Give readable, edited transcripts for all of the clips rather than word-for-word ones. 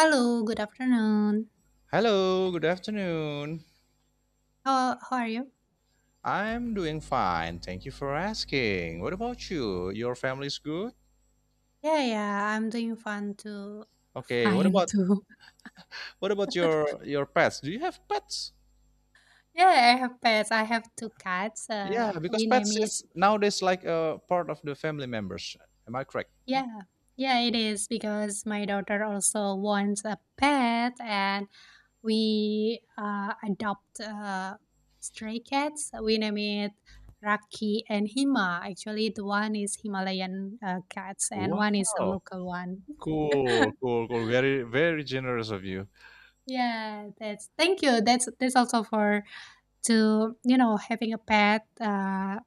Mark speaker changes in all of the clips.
Speaker 1: Hello, good afternoon.
Speaker 2: Hello, good afternoon.
Speaker 1: How are you?
Speaker 2: I'm doing fine. Thank you for asking. What about you? Your family's good?
Speaker 1: Yeah, yeah, I'm doing fine too.
Speaker 2: Okay, what
Speaker 1: Fine
Speaker 2: about
Speaker 1: too.
Speaker 2: what about your your pets? Do you have pets?
Speaker 1: Yeah, I have pets. I have two cats.
Speaker 2: Yeah, because
Speaker 1: We name
Speaker 2: pets
Speaker 1: it.
Speaker 2: is nowadays like a part of the family members. Am I correct?
Speaker 1: Yeah, yeah, it is because my daughter also wants a pet, and we adopt stray cats. We name it Raki and Hima. Actually, the one is Himalayan cats, and one is a
Speaker 2: Wow.
Speaker 1: local one.
Speaker 2: Cool, cool, cool. Very very generous of you.
Speaker 1: Yeah, that's thank you. That's also for to having a pet uh,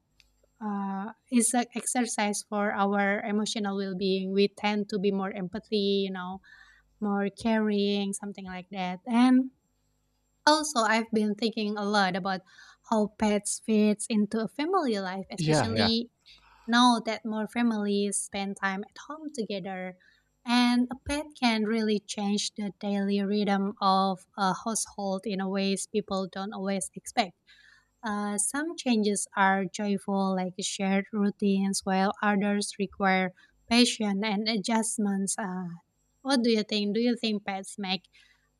Speaker 1: uh, is an exercise for our emotional well being. We tend to be more empathy, more caring, something like that. And also, I've been thinking a lot about how pets fits into a family life,
Speaker 2: Yeah, yeah.
Speaker 1: especially now that more families spend time at home together, and a pet can really change the daily rhythm of a household in a ways people don't always expect. Some changes are joyful, like shared routines, while others require patience and adjustments. What do you think? Do you think pets make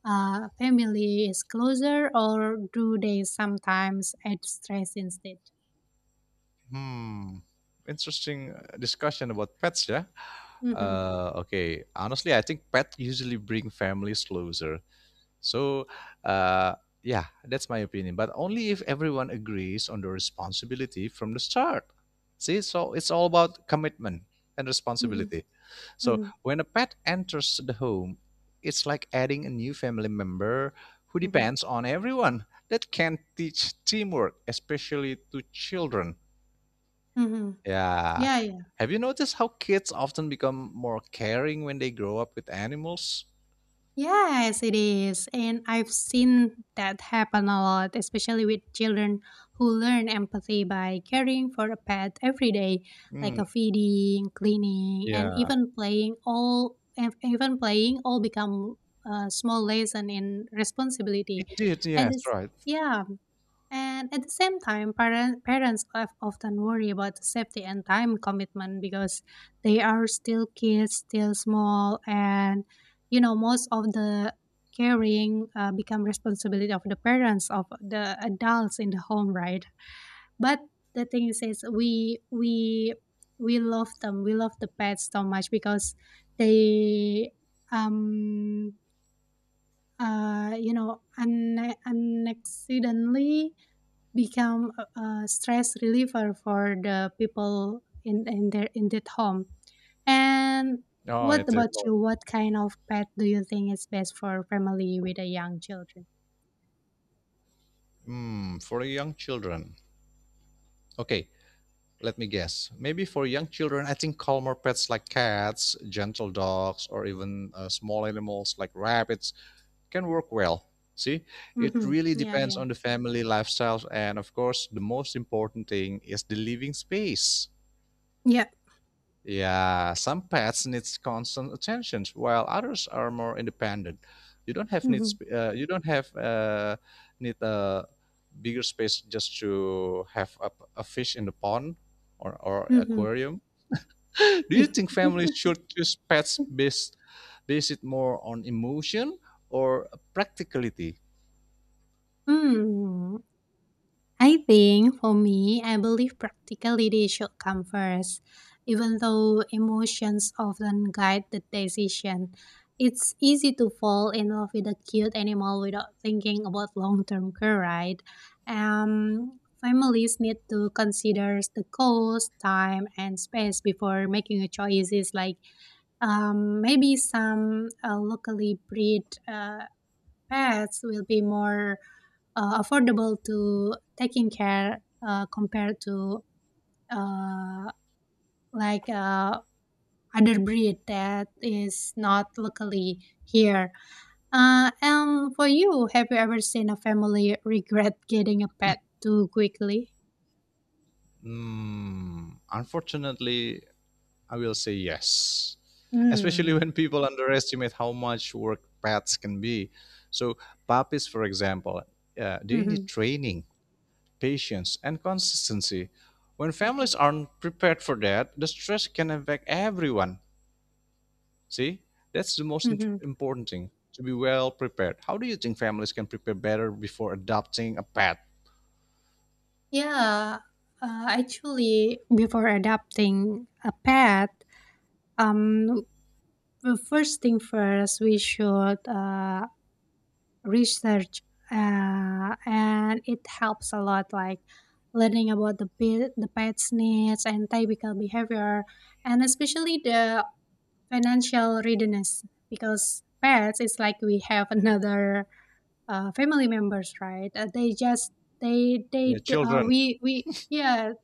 Speaker 1: families closer, or do they sometimes add stress instead?
Speaker 2: Hmm. Interesting discussion about pets, yeah?
Speaker 1: Hmm,
Speaker 2: Okay. Honestly, I think pets usually bring families closer. So, uh, yeah, that's my opinion. But only if everyone agrees on the responsibility from the start. See, so it's all about commitment and
Speaker 1: hmm,
Speaker 2: responsibility. So,
Speaker 1: hmm,
Speaker 2: when a pet enters the home, it's like adding a new family member who
Speaker 1: hmm,
Speaker 2: depends on everyone. That can teach teamwork, especially to children.
Speaker 1: hmm.
Speaker 2: Yeah.
Speaker 1: Yeah, yeah.
Speaker 2: Have you noticed how kids often become more caring when they grow up with animals?
Speaker 1: Yes, it is. And I've seen that happen a lot, especially with children who learn empathy by caring for a pet every day, like
Speaker 2: Mm,
Speaker 1: a feeding, cleaning, and
Speaker 2: yeah.
Speaker 1: even playing all become a small lesson in responsibility.
Speaker 2: Indeed,
Speaker 1: And
Speaker 2: yes,
Speaker 1: it's
Speaker 2: right.
Speaker 1: yeah. And at the same time, parents often worry about the safety and time commitment, because they are still kids, still small, and most of the caring become responsibility of the parents of the adults in the home, right? But the thing is we love them, we love the pets so much because they um unaccidentally become a stress reliever for the people in that home. And
Speaker 2: Oh,
Speaker 1: what
Speaker 2: it's their
Speaker 1: about
Speaker 2: home.
Speaker 1: you? What kind of pet do you think is best for family with a young children?
Speaker 2: Hmm, for young children. Okay, let me guess. Maybe for young children, I think calmer pets like cats, gentle dogs, or even small animals like rabbits can work well. See, it
Speaker 1: Mm-hmm.
Speaker 2: really
Speaker 1: Yeah,
Speaker 2: depends
Speaker 1: yeah,
Speaker 2: on the family lifestyles, and of course, the most important thing is the living space.
Speaker 1: yeah.
Speaker 2: Yeah, some pets needs constant attention, while others are more independent.
Speaker 1: Mm-hmm.
Speaker 2: You don't have need a bigger space just to have a fish in the pond or
Speaker 1: Mm-hmm.
Speaker 2: aquarium. Do you think families should choose pets based it more on emotion or practicality?
Speaker 1: mm. I think for me, I believe practicality should come first, even though emotions often guide the decision. It's easy to fall in love with a cute animal without thinking about long term care, right? Families need to consider the cost, time, and space before making a choices, like maybe some locally bred pets will be more affordable to taking care, compared to, uh, like, other breed that is not locally here. And for you, have you ever seen a family regret getting a pet too quickly?
Speaker 2: Mm, unfortunately, I will say yes. Especially
Speaker 1: Mm.
Speaker 2: when people underestimate how much work pets can be. So, puppies, for example, they need
Speaker 1: Mm-hmm.
Speaker 2: training, patience, and consistency. When
Speaker 1: Mm-hmm.
Speaker 2: families aren't prepared for that, the stress can affect everyone. See, that's the most
Speaker 1: Mm-hmm.
Speaker 2: important thing to be well prepared. How do you think families can prepare better before adopting a pet?
Speaker 1: Yeah. Actually, before adopting a pet, um, the first thing first, we should research, and it helps a lot, like learning about the pet's needs and typical behavior, and especially the financial readiness, because pets is like we have another family members, right? They just, they
Speaker 2: Their
Speaker 1: d-
Speaker 2: children.
Speaker 1: we yes,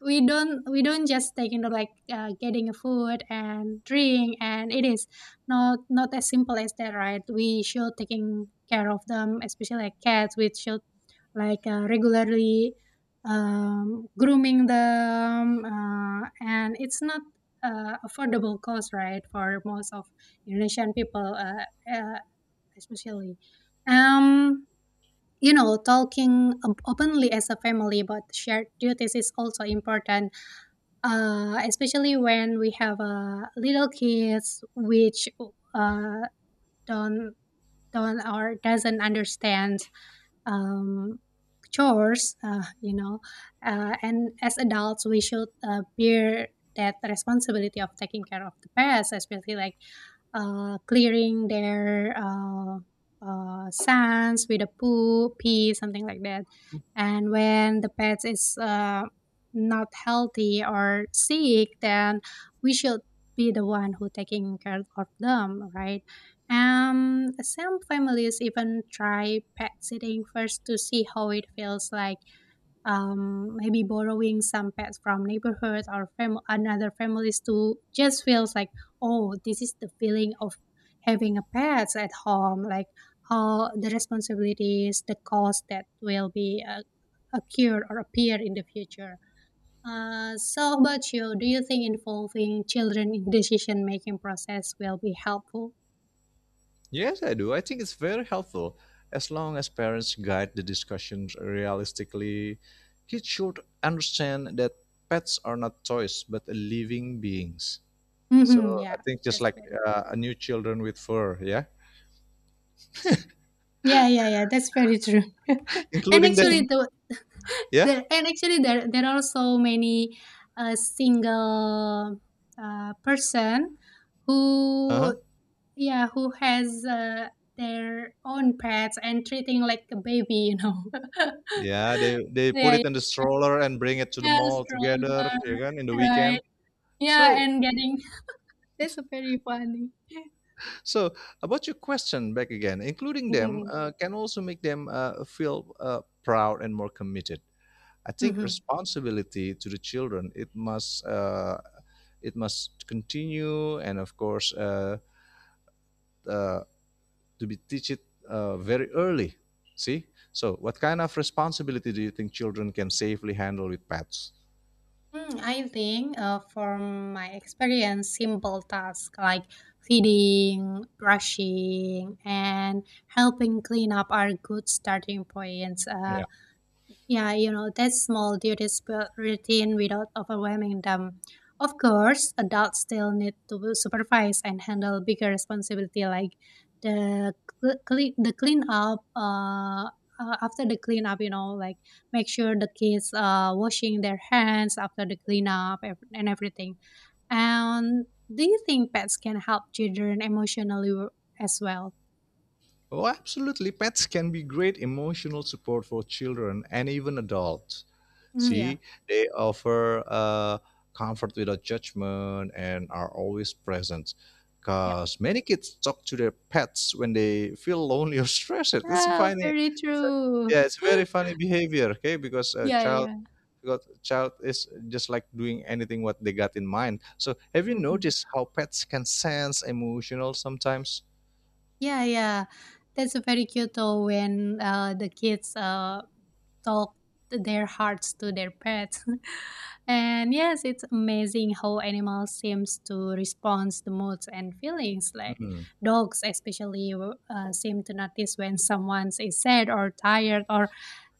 Speaker 1: we don't just take into like getting a food and drink. And it is not as simple as that, right? We should taking care of them, especially like cats. We should, like, regularly, grooming them, and it's not affordable cost, right, for most of Indonesian people. Uh, Especially, um talking openly as a family about shared duties is also important, especially when we have little kids, which uh, don't don't or doesn't understand um, chores. And as adults we should bear that responsibility of taking care of the pets, especially like clearing their sands with a poo, pee, something like that. And when the pets is not healthy or sick, then we should be the one who taking care of them, right? Some families even try pet sitting first to see how it feels like. Maybe borrowing some pets from neighborhoods or another families, to just feels like, oh, this is the feeling of having a pets at home, like how the responsibilities, the cost that will be occur or appear in the future. So how about you? Do you think involving children in decision making process will be helpful?
Speaker 2: Yes, I do. I think it's very helpful. As long as parents guide the discussions realistically, kids should understand that pets are not toys but living beings. So
Speaker 1: Mm-hmm,
Speaker 2: I
Speaker 1: yeah.
Speaker 2: think just
Speaker 1: That's
Speaker 2: like
Speaker 1: very true.
Speaker 2: a new children with fur, yeah,
Speaker 1: Yeah, yeah, yeah. That's very true. and
Speaker 2: including them.
Speaker 1: actually, the,
Speaker 2: Yeah.
Speaker 1: the and actually there are so many single person
Speaker 2: Uh-huh.
Speaker 1: who, yeah, who has their own pets and treating like a baby. You know.
Speaker 2: Yeah, they put
Speaker 1: Yeah, yeah.
Speaker 2: it in the stroller and bring it to the
Speaker 1: Yeah,
Speaker 2: mall together,
Speaker 1: stronger,
Speaker 2: yeah, kan, in the
Speaker 1: right?
Speaker 2: weekend.
Speaker 1: Yeah,
Speaker 2: So,
Speaker 1: and getting that's very funny.
Speaker 2: so about your question back again, including them
Speaker 1: Mhm.
Speaker 2: can also make them feel proud and more committed. I think
Speaker 1: Mhm.
Speaker 2: responsibility to the children it must continue, and of course uh, to be teach it very early. See, so what kind of responsibility do you think children can safely handle with pets?
Speaker 1: Mm, I think from my experience, simple tasks like feeding, brushing, and helping clean up are good starting points. Yeah, that small duties build routine without overwhelming them. Of course, adults still need to supervise and handle bigger responsibility, like the the cleanup. After the cleanup, like, make sure the kids washing their hands after the cleanup and everything. And do you think pets can help children emotionally, as well?
Speaker 2: Oh, absolutely. Pets can be great emotional support for children and even adults.
Speaker 1: Mm, yeah,
Speaker 2: See, they offer comfort without judgment and are always present.
Speaker 1: yeah,
Speaker 2: Because many kids talk to their pets when they feel lonely or stressed. It's a
Speaker 1: yeah,
Speaker 2: funny,
Speaker 1: very
Speaker 2: it's a,
Speaker 1: true.
Speaker 2: Yeah, it's very funny behavior. Okay, because a
Speaker 1: Yeah,
Speaker 2: child,
Speaker 1: yeah.
Speaker 2: because child is just like doing anything what they got in mind. So, have you
Speaker 1: Mhm.
Speaker 2: noticed how pets can sense emotional sometimes?
Speaker 1: Yeah, yeah. That's a very cute though, when the kids talk their hearts to their pets. And yes, it's amazing how animals seems to respond to moods and feelings. Like,
Speaker 2: Mhm.
Speaker 1: dogs especially seem to notice when someone is sad or tired, or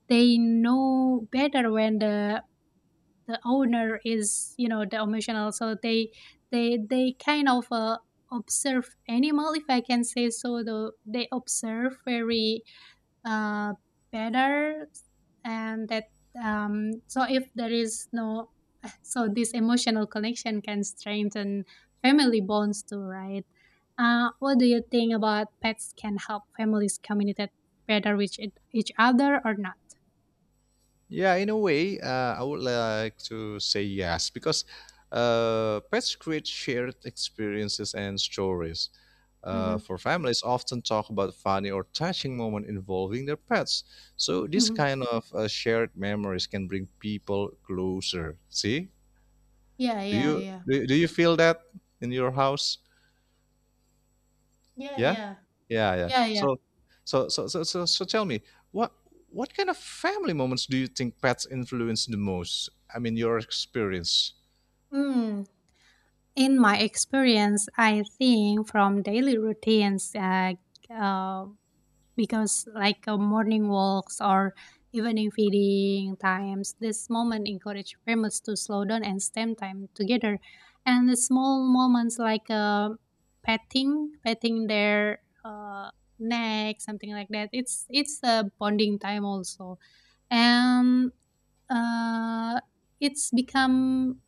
Speaker 1: they know better when the owner is, the emotional, so they kind of observe animal, if I can say so. They observe very, uh, better. And that, so if there is no so this emotional connection can strengthen family bonds too, right? What do you think about pets can help families communicate better with each other or not?
Speaker 2: Yeah, in a way, I would like to say yes because pets create shared experiences and stories.
Speaker 1: Mm-hmm.
Speaker 2: For families, often talk about funny or touching moment involving their pets. So this
Speaker 1: Mm-hmm.
Speaker 2: kind of shared memories can bring people closer. See,
Speaker 1: Yeah, yeah, yeah,
Speaker 2: do you feel that in your house?
Speaker 1: yeah,
Speaker 2: Yeah?
Speaker 1: yeah.
Speaker 2: Yeah, yeah.
Speaker 1: Yeah, yeah.
Speaker 2: So tell me, what what kind of family moments do you think pets influence the most? I mean, your experience.
Speaker 1: Mm. In my experience, I think from daily routines, uh, because like morning walks or evening feeding times. This moment encourage families to slow down and spend time together. And the small moments, like petting their neck, something like that. It's a bonding time also. And uh, it's become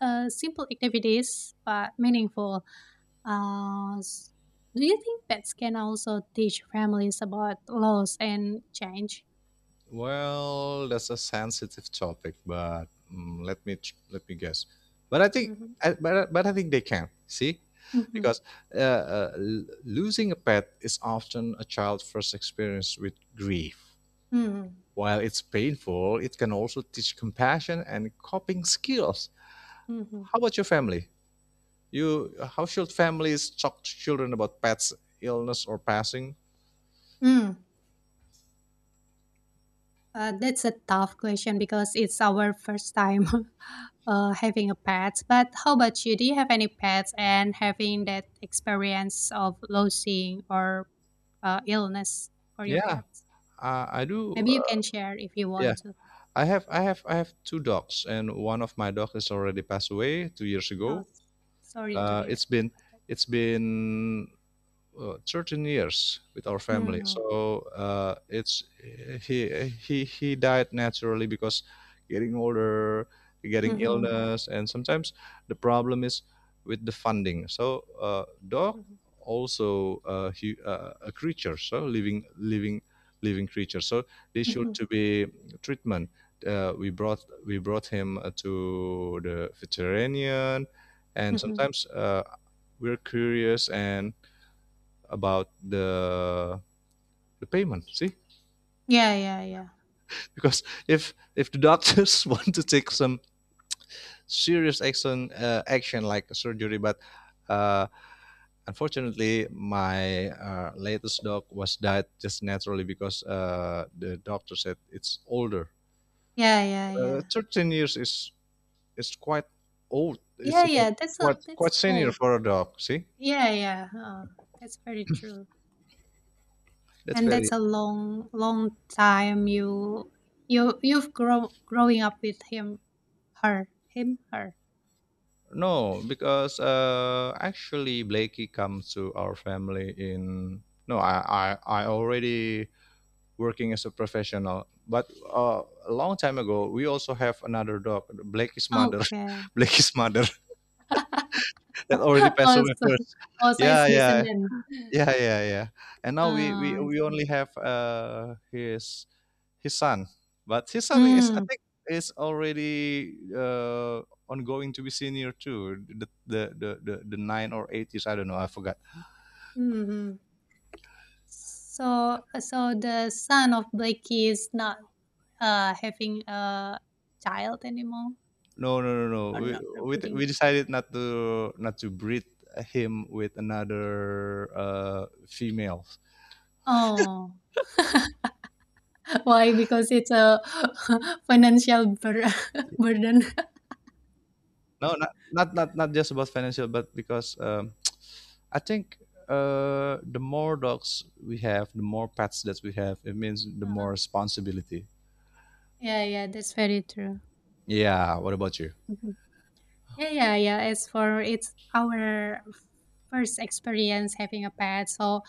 Speaker 1: simple activities but meaningful. uh, s- do you think pets can also teach families about loss and change?
Speaker 2: Well, that's a sensitive topic, but mm, let me guess. But I think
Speaker 1: Mm-hmm.
Speaker 2: but I think they can. See?
Speaker 1: Mm-hmm.
Speaker 2: Because losing a pet is often a child's first experience with grief.
Speaker 1: Mm-hmm.
Speaker 2: While it's painful, it can also teach compassion and coping skills.
Speaker 1: Mm-hmm.
Speaker 2: How about your family? You, how should families talk to children about pets illness or passing?
Speaker 1: Mm. That's a tough question because it's our first time having a pet. But how about you? Do you have any pets and having that experience of losing, or illness for your
Speaker 2: Yeah,
Speaker 1: pets?
Speaker 2: I, I do.
Speaker 1: Maybe you can share if you
Speaker 2: Yeah,
Speaker 1: want to.
Speaker 2: I have two dogs, and one of my dog is already passed away 2 years
Speaker 1: Oh,
Speaker 2: ago.
Speaker 1: sorry to
Speaker 2: Uh,
Speaker 1: hear
Speaker 2: it's been
Speaker 1: about that.
Speaker 2: it's been 13 years with our family.
Speaker 1: Mm-hmm.
Speaker 2: So it's he he died naturally because getting older, getting
Speaker 1: Mm-hmm.
Speaker 2: illness, and sometimes the problem is with the funding. So dog
Speaker 1: Mm-hmm.
Speaker 2: also a creature, so living creature. So they should to be treatment. We brought him to the veterinarian, and
Speaker 1: Mm-hmm.
Speaker 2: sometimes we're curious and about the payment. See,
Speaker 1: Yeah, yeah, yeah.
Speaker 2: because if the doctors want to take some serious action like a surgery, but uh, unfortunately, my latest dog was died just naturally because the doctor said it's older.
Speaker 1: Yeah, yeah, yeah.
Speaker 2: 13 years is quite old. It's
Speaker 1: Yeah,
Speaker 2: about
Speaker 1: yeah,
Speaker 2: quite
Speaker 1: that's
Speaker 2: senior
Speaker 1: old.
Speaker 2: for a dog. See,
Speaker 1: Yeah, yeah, that's very true.
Speaker 2: that's
Speaker 1: And that's
Speaker 2: very.
Speaker 1: a long, long time you you've growing up with him, her, him, her.
Speaker 2: No, because actually Blakey comes to our family in, no, I already working as a professional, but a long time ago we also have another dog, Blakey's mother,
Speaker 1: Okay.
Speaker 2: Blakey's mother that already passed away
Speaker 1: Also,
Speaker 2: first.
Speaker 1: also, it's
Speaker 2: Yeah, yeah,
Speaker 1: descendant.
Speaker 2: yeah, and now
Speaker 1: Ah, I
Speaker 2: we
Speaker 1: see.
Speaker 2: only have his son, but his son is, I
Speaker 1: Mm,
Speaker 2: think, is already ongoing to be senior too, the 9 or 8 years, I don't know, I forgot.
Speaker 1: mm-hmm. So the son of Blakey is not having a child anymore,
Speaker 2: no no no no
Speaker 1: or
Speaker 2: we,
Speaker 1: not a
Speaker 2: we we
Speaker 1: breeding.
Speaker 2: decided not to not to breed him with another female.
Speaker 1: Oh, why? Because it's a financial bur burden.
Speaker 2: No, not just about financial, but because I think the more dogs we have, the more pets that we have, it means the more
Speaker 1: Uh-huh.
Speaker 2: responsibility.
Speaker 1: Yeah, yeah, that's very true.
Speaker 2: Yeah. What about you?
Speaker 1: Mhm. Yeah, yeah, yeah. As for, it's our first experience having a pet, so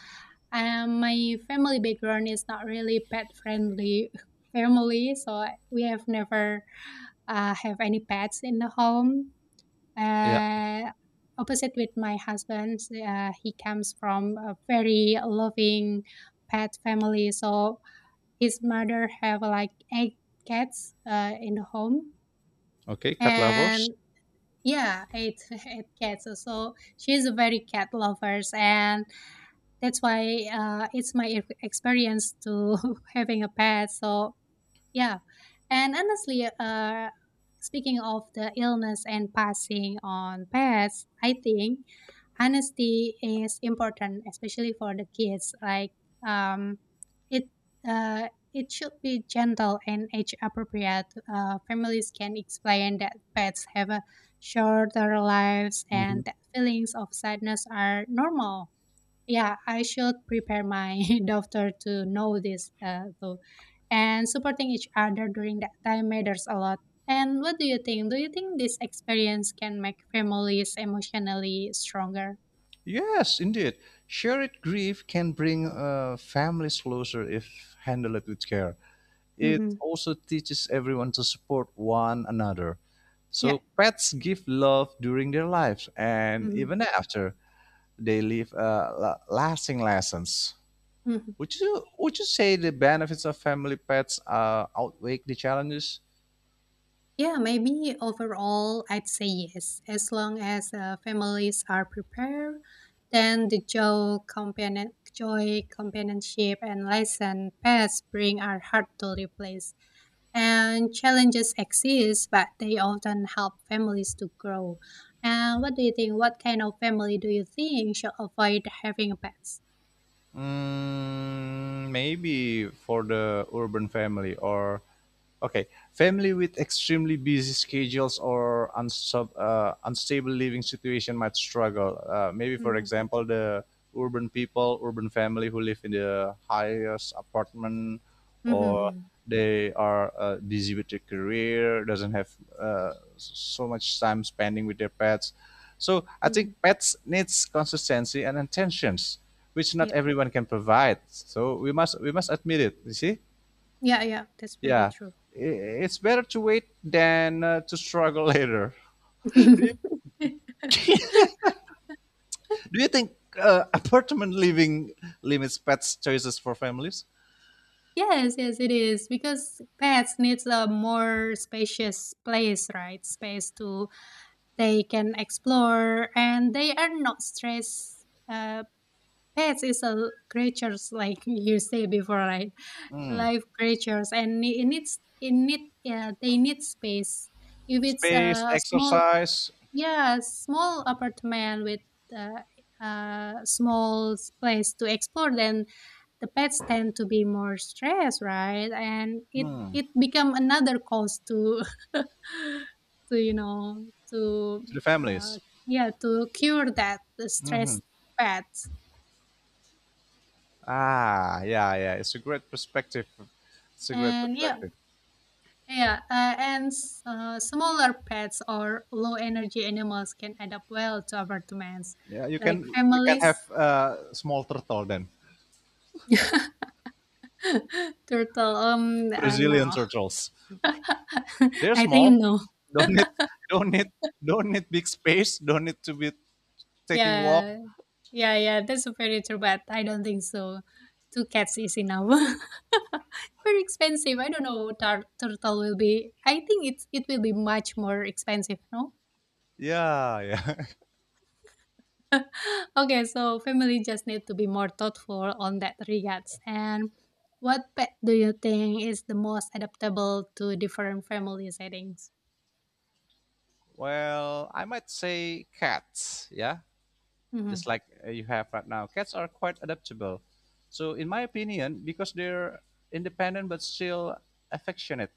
Speaker 1: my family background is not really pet friendly family, so we have never have any pets in the home.
Speaker 2: Yeah.
Speaker 1: uh, Opposite with my husband, he comes from a very loving pet family, so his mother have like eight cats in the home.
Speaker 2: Okay. Cat lovers.
Speaker 1: And yeah, eight eight cats, so she's a very cat lovers. And that's why it's my experience to having a pet, so yeah. And honestly, speaking of the illness and passing on pets, I think honesty is important, especially for the kids. Like, um, it it should be gentle and age appropriate. Families can explain that pets have a shorter lives, and that feelings of sadness are normal. Yeah, I should prepare my daughter to know this too. And supporting each other during that time matters a lot. And what do you think? Do you think this experience can make families emotionally stronger?
Speaker 2: Yes, indeed. Shared grief can bring families closer if handled with care. It
Speaker 1: Mm-hmm.
Speaker 2: also teaches everyone to support one another.
Speaker 1: Yeah.
Speaker 2: So pets give love during their lives and
Speaker 1: Mm-hmm.
Speaker 2: even after they leave lasting lessons. Would you say the benefits of family pets outweigh the challenges?
Speaker 1: Yeah, maybe overall, I'd say yes. As long as families are prepared, then the joy, companionship, and lesson paths bring are hard to replace. And challenges exist, but they often help families to grow. And what do you think? What kind of family do you think should avoid having pets?
Speaker 2: Mm, maybe for the urban family or, okay, family with extremely busy schedules or unstable living situation might struggle. Maybe for
Speaker 1: Mm-hmm.
Speaker 2: example, the urban people, urban family who live in the highest apartment or
Speaker 1: Mm-hmm.
Speaker 2: they are busy with their career, doesn't have uh, so much time spending with their pets. So I think
Speaker 1: Mm-hmm.
Speaker 2: pets needs consistency and attentions, which not
Speaker 1: Yeah,
Speaker 2: everyone can provide. So we must admit it. You see,
Speaker 1: yeah, yeah. That's very
Speaker 2: yeah,
Speaker 1: true.
Speaker 2: I- it's better to wait than to struggle later. Do you do you think apartment living limits pets choices for families?
Speaker 1: Yes, yes, it is, because pets needs a more spacious place, right? Space to they can explore, and they are not stressed. Pets is a creatures, like you say before, right? Live creatures, and it needs it need they need space. If it's
Speaker 2: Space,
Speaker 1: a small
Speaker 2: exercise
Speaker 1: yeah, small apartment with small place to explore. Then the pets tend to be more stressed, right? And it become another cause to to you know
Speaker 2: to
Speaker 1: to
Speaker 2: the
Speaker 1: uh,
Speaker 2: families.
Speaker 1: yeah to cure that the stressed pets.
Speaker 2: Ah, yeah, yeah. It's a great perspective. It's a great
Speaker 1: And yeah,
Speaker 2: perspective.
Speaker 1: yeah, and s- Smaller pets or low energy animals can adapt well to apartments,
Speaker 2: Yeah, you
Speaker 1: like
Speaker 2: can you can have
Speaker 1: families.
Speaker 2: small turtle then.
Speaker 1: Turtle, no.
Speaker 2: Brazilian turtles. They're
Speaker 1: I think
Speaker 2: small.
Speaker 1: no.
Speaker 2: Don't need don't need don't need big space. Don't need to be taking walk.
Speaker 1: Yeah, yeah, yeah. That's a predator, but I don't think so. Two cats is enough. Very expensive. I don't know. Turtle will be. I think it will be much more expensive. No.
Speaker 2: Yeah, yeah.
Speaker 1: Okay, so family just need to be more thoughtful on that regards. And what pet do you think is the most adaptable to different family settings?
Speaker 2: Well, I might say cats. Yeah,
Speaker 1: Mm-hmm.
Speaker 2: just like you have right now. Cats are quite adaptable. So, in my opinion, because they're independent but still affectionate.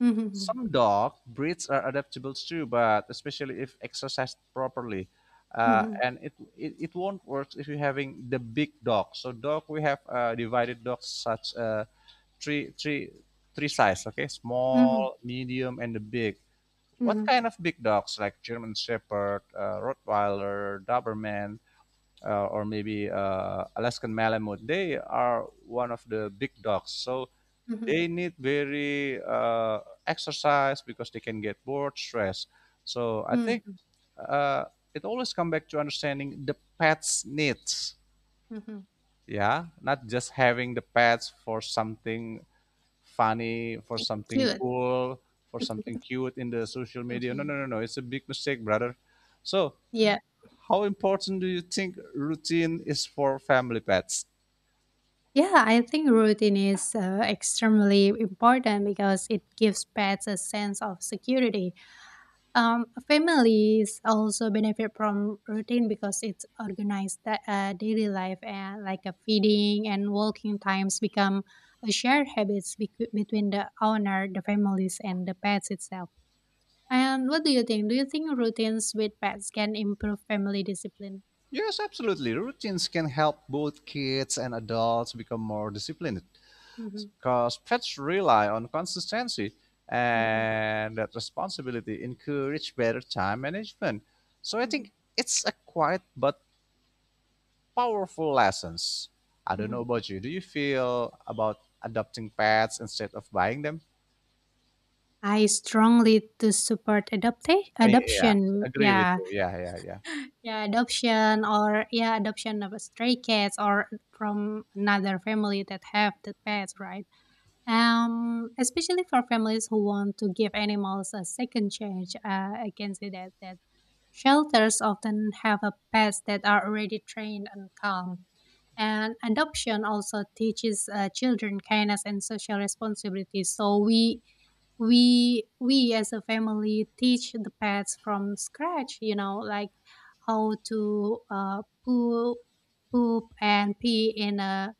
Speaker 1: Mm-hmm.
Speaker 2: Some dog breeds are adaptable too, but especially if exercised properly.
Speaker 1: Mm-hmm.
Speaker 2: And it won't work if you're having the big dog. So dog, we have divided dogs such three, three, three size, okay?
Speaker 1: Mm-hmm.
Speaker 2: Small, medium, and the big. What
Speaker 1: Mm-hmm.
Speaker 2: kind of big dogs like German Shepherd, Rottweiler, Doberman, or maybe Alaskan Malamute? They are one of the big dogs. So
Speaker 1: Mhm.
Speaker 2: they need very exercise because they can get bored, stressed. So I think
Speaker 1: Mm,
Speaker 2: uh, it always come back to understanding the pet's needs.
Speaker 1: mhm.
Speaker 2: Yeah, not just having the pets for something funny, for
Speaker 1: K
Speaker 2: something
Speaker 1: cute.
Speaker 2: cool, for something cute in the social media. No, no,
Speaker 1: Mhm.
Speaker 2: no, no. It's a big mistake, brother. So,
Speaker 1: Yeah.
Speaker 2: how important do you think routine is for family pets?
Speaker 1: Yeah, I think routine is extremely important because it gives pets a sense of security. Families also benefit from routine because it's organized daily life and like a feeding and walking times become a shared habits between the owner, the families, and the pets itself. And what do you think? Do you think routines with pets can improve family discipline?
Speaker 2: Yes, absolutely. Routines can help both kids and adults become more disciplined,
Speaker 1: Hmm.
Speaker 2: because pets rely on consistency, and that responsibility encourage better time management. So I
Speaker 1: Mhm,
Speaker 2: think it's a quiet but powerful lessons. I don't know
Speaker 1: mhm.
Speaker 2: about you. Do you feel about adopting pets instead of buying them?
Speaker 1: I strongly to support adopta
Speaker 2: Eh, yeah,
Speaker 1: adoption.
Speaker 2: agree with
Speaker 1: Yeah,
Speaker 2: you. Yeah, yeah, yeah.
Speaker 1: yeah, adoption or yeah, adoption of stray cats or from another family that have the pets, right? Especially for families who want to give animals a second chance, I can say that shelters often have a pets that are already trained and calm. And adoption also teaches children kindness and social responsibility. So we as a family teach the pets from scratch. You know, like how to poop and pee in a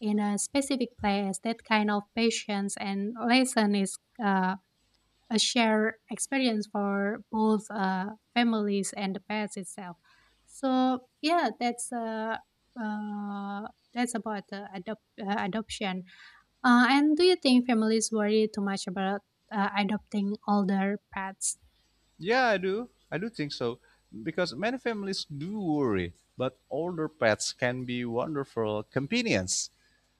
Speaker 1: in a specific place. That kind of patience and lesson is uh, a shared experience for both families and the pets itself. So yeah, uh, that's about the adoption. And do you think families worry too much about adopting older pets?
Speaker 2: Yeah, I do. I do think so because many families do worry, but older pets can be wonderful companions.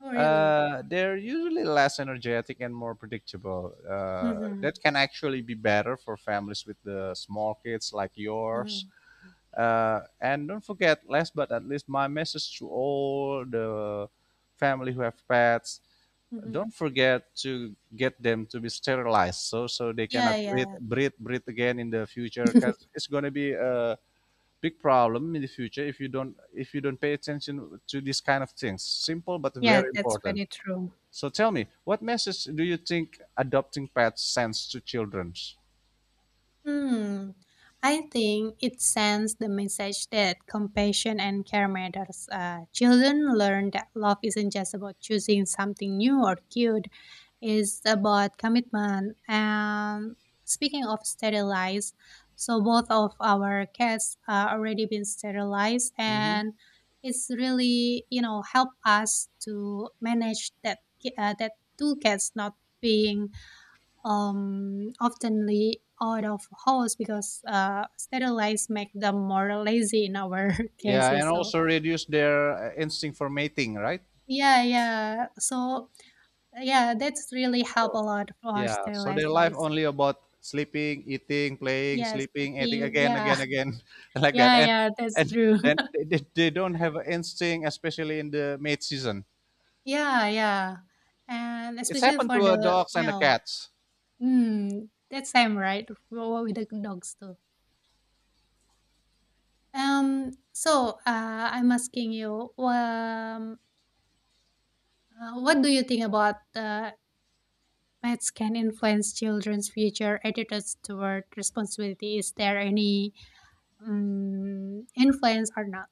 Speaker 1: Oh really?
Speaker 2: Uh, they're usually less energetic and more predictable.
Speaker 1: Mm-hmm.
Speaker 2: That can actually be better for families with the small kids like yours.
Speaker 1: Mm-hmm.
Speaker 2: And don't forget, last but at least, my message to all the family who have pets:
Speaker 1: Mm-hmm.
Speaker 2: don't forget to get them to be sterilized, so so they cannot
Speaker 1: Yeah, yeah,
Speaker 2: breathe again in the future. 'Cause it's gonna be a big problem in the future if you don't pay attention to these kind of things. Simple but
Speaker 1: yeah.
Speaker 2: very
Speaker 1: That's
Speaker 2: important.
Speaker 1: very true.
Speaker 2: So tell me, what message do you think adopting pets sends to children?
Speaker 1: Hmm. I think it sends the message that compassion and care matters. Children learn that love isn't just about choosing something new or cute. It's about commitment. And speaking of sterilized, so both of our cats are already been sterilized,
Speaker 2: Hmm.
Speaker 1: and it's really help us to manage that that two cats not being oftenly out of house because sterilized make them more lazy in our
Speaker 2: Yeah, and
Speaker 1: cases. So
Speaker 2: also reduce their instinct for mating, right?
Speaker 1: yeah, yeah. So yeah, that's really help a
Speaker 2: So
Speaker 1: lot for
Speaker 2: yeah, so their
Speaker 1: sterilized
Speaker 2: life
Speaker 1: noise.
Speaker 2: only about sleeping, eating, playing,
Speaker 1: Yes,
Speaker 2: sleeping, eating
Speaker 1: sleeping.
Speaker 2: again,
Speaker 1: Yeah,
Speaker 2: again, again, like that.
Speaker 1: yeah, yeah. That's
Speaker 2: And
Speaker 1: true.
Speaker 2: and they don't have an instinct, especially in the mate season.
Speaker 1: Yeah, yeah, and
Speaker 2: It's
Speaker 1: especially
Speaker 2: happened
Speaker 1: for
Speaker 2: to
Speaker 1: the
Speaker 2: dogs and the
Speaker 1: male.
Speaker 2: cats.
Speaker 1: Hmm, that's same right for with the dogs too. So I'm asking you. What do you think about pets can influence children's future attitudes toward responsibility. Is there any influence or not?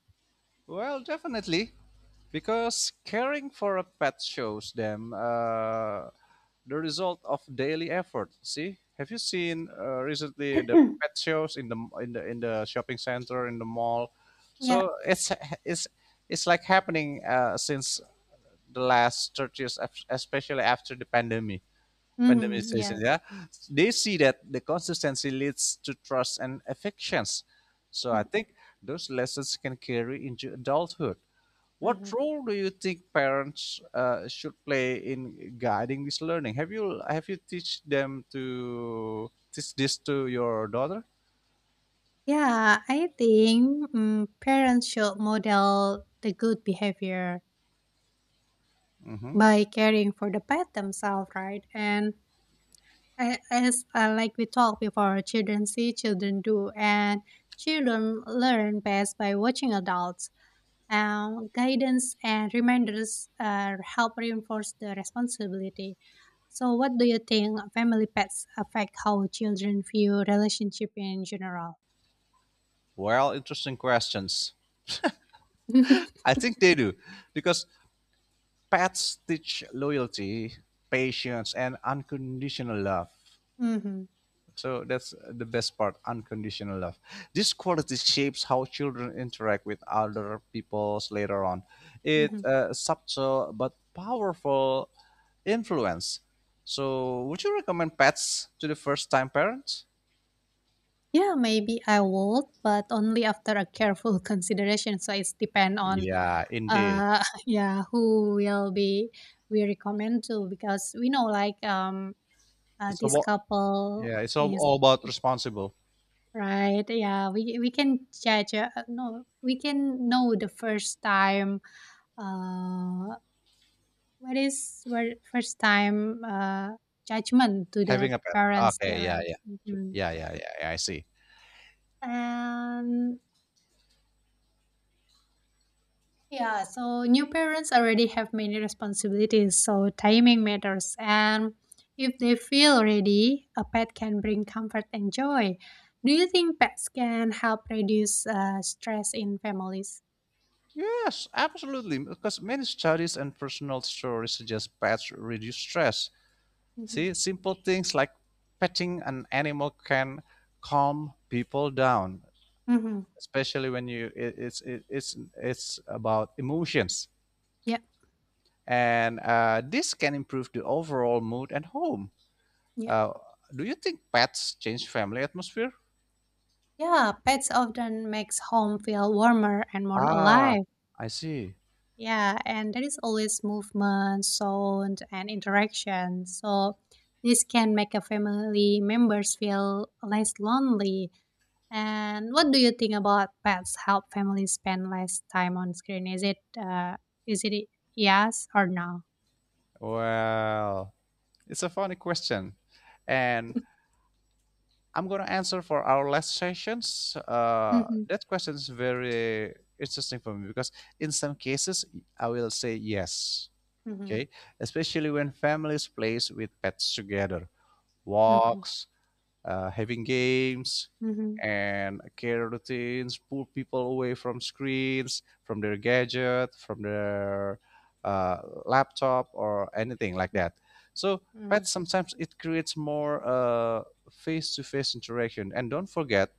Speaker 2: Well, definitely, because caring for a pet shows them the result of daily effort. See, have you seen recently the pet shows in the shopping center in the mall?
Speaker 1: Yeah.
Speaker 2: So it's it's like happening since the last 30 years, especially after the pandemic.
Speaker 1: Hmm.
Speaker 2: Randomization,
Speaker 1: Yeah.
Speaker 2: yeah. They see that the consistency leads to trust and affections. So I think those lessons can carry into adulthood. What
Speaker 1: Hmm.
Speaker 2: role do you think parents should play in guiding this learning? Have you teach them to teach this to your daughter?
Speaker 1: Yeah. I think parents should model the good behavior
Speaker 2: Hmm
Speaker 1: by caring for the pet themselves, right? And as like we talked before, children see, children do, and children learn best by watching adults. Guidance and reminders help reinforce the responsibility. So, what do you think family pets affect how children view relationship in general?
Speaker 2: Well, interesting questions. I think they do because pets teach loyalty, patience, and unconditional love.
Speaker 1: Mm-hmm.
Speaker 2: So that's the best part, unconditional love. This quality shapes how children interact with other peoples later on. It's
Speaker 1: Mm-hmm.
Speaker 2: a subtle but powerful influence. So, would you recommend pets to the first-time parents?
Speaker 1: Yeah, maybe I would, but only after a careful consideration. So it's depend on
Speaker 2: Yeah, indeed.
Speaker 1: yeah who will be we recommend to because we know like
Speaker 2: It's
Speaker 1: this
Speaker 2: about
Speaker 1: couple
Speaker 2: yeah, it's all,
Speaker 1: is.
Speaker 2: all about responsible
Speaker 1: Right. Yeah, we can judge no, we can know the first time uh what is where first time judgment to the
Speaker 2: having a pet.
Speaker 1: parents
Speaker 2: Okay,
Speaker 1: there,
Speaker 2: yeah,
Speaker 1: right?
Speaker 2: yeah,
Speaker 1: Mhm.
Speaker 2: yeah, yeah, yeah, yeah, I see.
Speaker 1: And yeah, so new parents already have many responsibilities, so timing matters. And if they feel ready, a pet can bring comfort and joy. Do you think pets can help reduce stress in families?
Speaker 2: Yes, absolutely. Because many studies and personal stories suggest pets reduce stress.
Speaker 1: Mhm.
Speaker 2: See, simple things like petting an animal can calm people down,
Speaker 1: Mhm.
Speaker 2: especially when you it, it's about emotions,
Speaker 1: Yep,
Speaker 2: and this can improve the overall mood at home.
Speaker 1: yep.
Speaker 2: Uh, do you think pets change family atmosphere?
Speaker 1: Yeah, pets often makes home feel warmer and more
Speaker 2: Ah,
Speaker 1: alive.
Speaker 2: I see.
Speaker 1: Yeah, and there is always movement, sound, and interaction. So this can make a family members feel less lonely. And what do you think about pets help families spend less time on screen? Is it yes or no?
Speaker 2: Well, it's a funny question, and I'm going to answer for our last sessions.
Speaker 1: Mm-hmm.
Speaker 2: That question is very interesting for me because in some cases I will say yes.
Speaker 1: Mm-hmm.
Speaker 2: Okay, especially when families plays with pets together,
Speaker 1: Mm-hmm.
Speaker 2: walks, having games
Speaker 1: Mm-hmm.
Speaker 2: and care routines, pull people away from screens, from their gadget, from their uh, laptop, or anything like that. So,
Speaker 1: Mm-hmm.
Speaker 2: pets sometimes it creates more face-to-face interaction. And don't forget,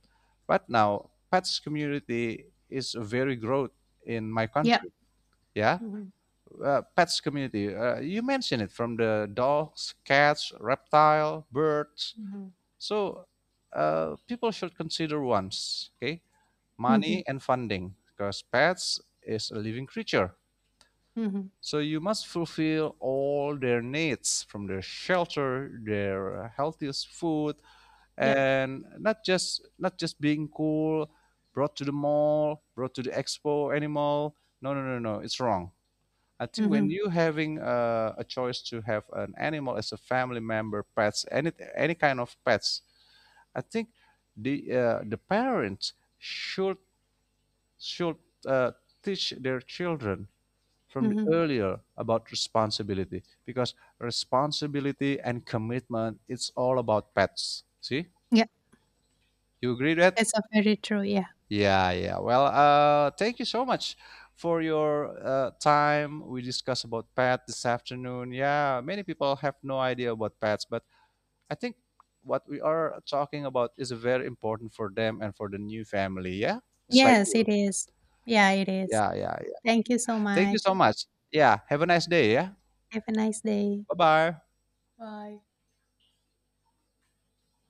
Speaker 2: right now, pets community is very growth in my
Speaker 1: Yep.
Speaker 2: country. Yeah,
Speaker 1: Mm-hmm.
Speaker 2: pets community. You mentioned it from the dogs, cats, reptile, birds,
Speaker 1: Mm-hmm.
Speaker 2: so people should consider once, okay, money and funding, because pets is a living creature.
Speaker 1: Mm-hmm.
Speaker 2: So you must fulfill all their needs from their shelter, their healthiest food,
Speaker 1: Yep.
Speaker 2: and not just being cool, brought to the mall, brought to the expo animal. No, no, no, no, it's wrong. I think when
Speaker 1: Mm-hmm.
Speaker 2: you having a choice to have an animal as a family member, pets, any kind of pets, I think the parents should should uh, teach their children from the
Speaker 1: Mm-hmm.
Speaker 2: earlier about responsibility because responsibility and commitment it's all about pets. See,
Speaker 1: Yeah,
Speaker 2: you agree that?
Speaker 1: that's a very true, yeah.
Speaker 2: Yeah, yeah. Well, thank you so much for your time. We discussed about pet this afternoon. Yeah, many people have no idea about pets, but I think what we are talking about is very important for them and for the new family. Yeah, just like
Speaker 1: Yes,
Speaker 2: you.
Speaker 1: it is. Yeah, it is.
Speaker 2: Yeah, yeah, yeah.
Speaker 1: Thank you so
Speaker 2: Thank you
Speaker 1: much.
Speaker 2: so much. Yeah, have a nice day. Yeah,
Speaker 1: Have a nice day.
Speaker 2: bye bye.
Speaker 1: Bye.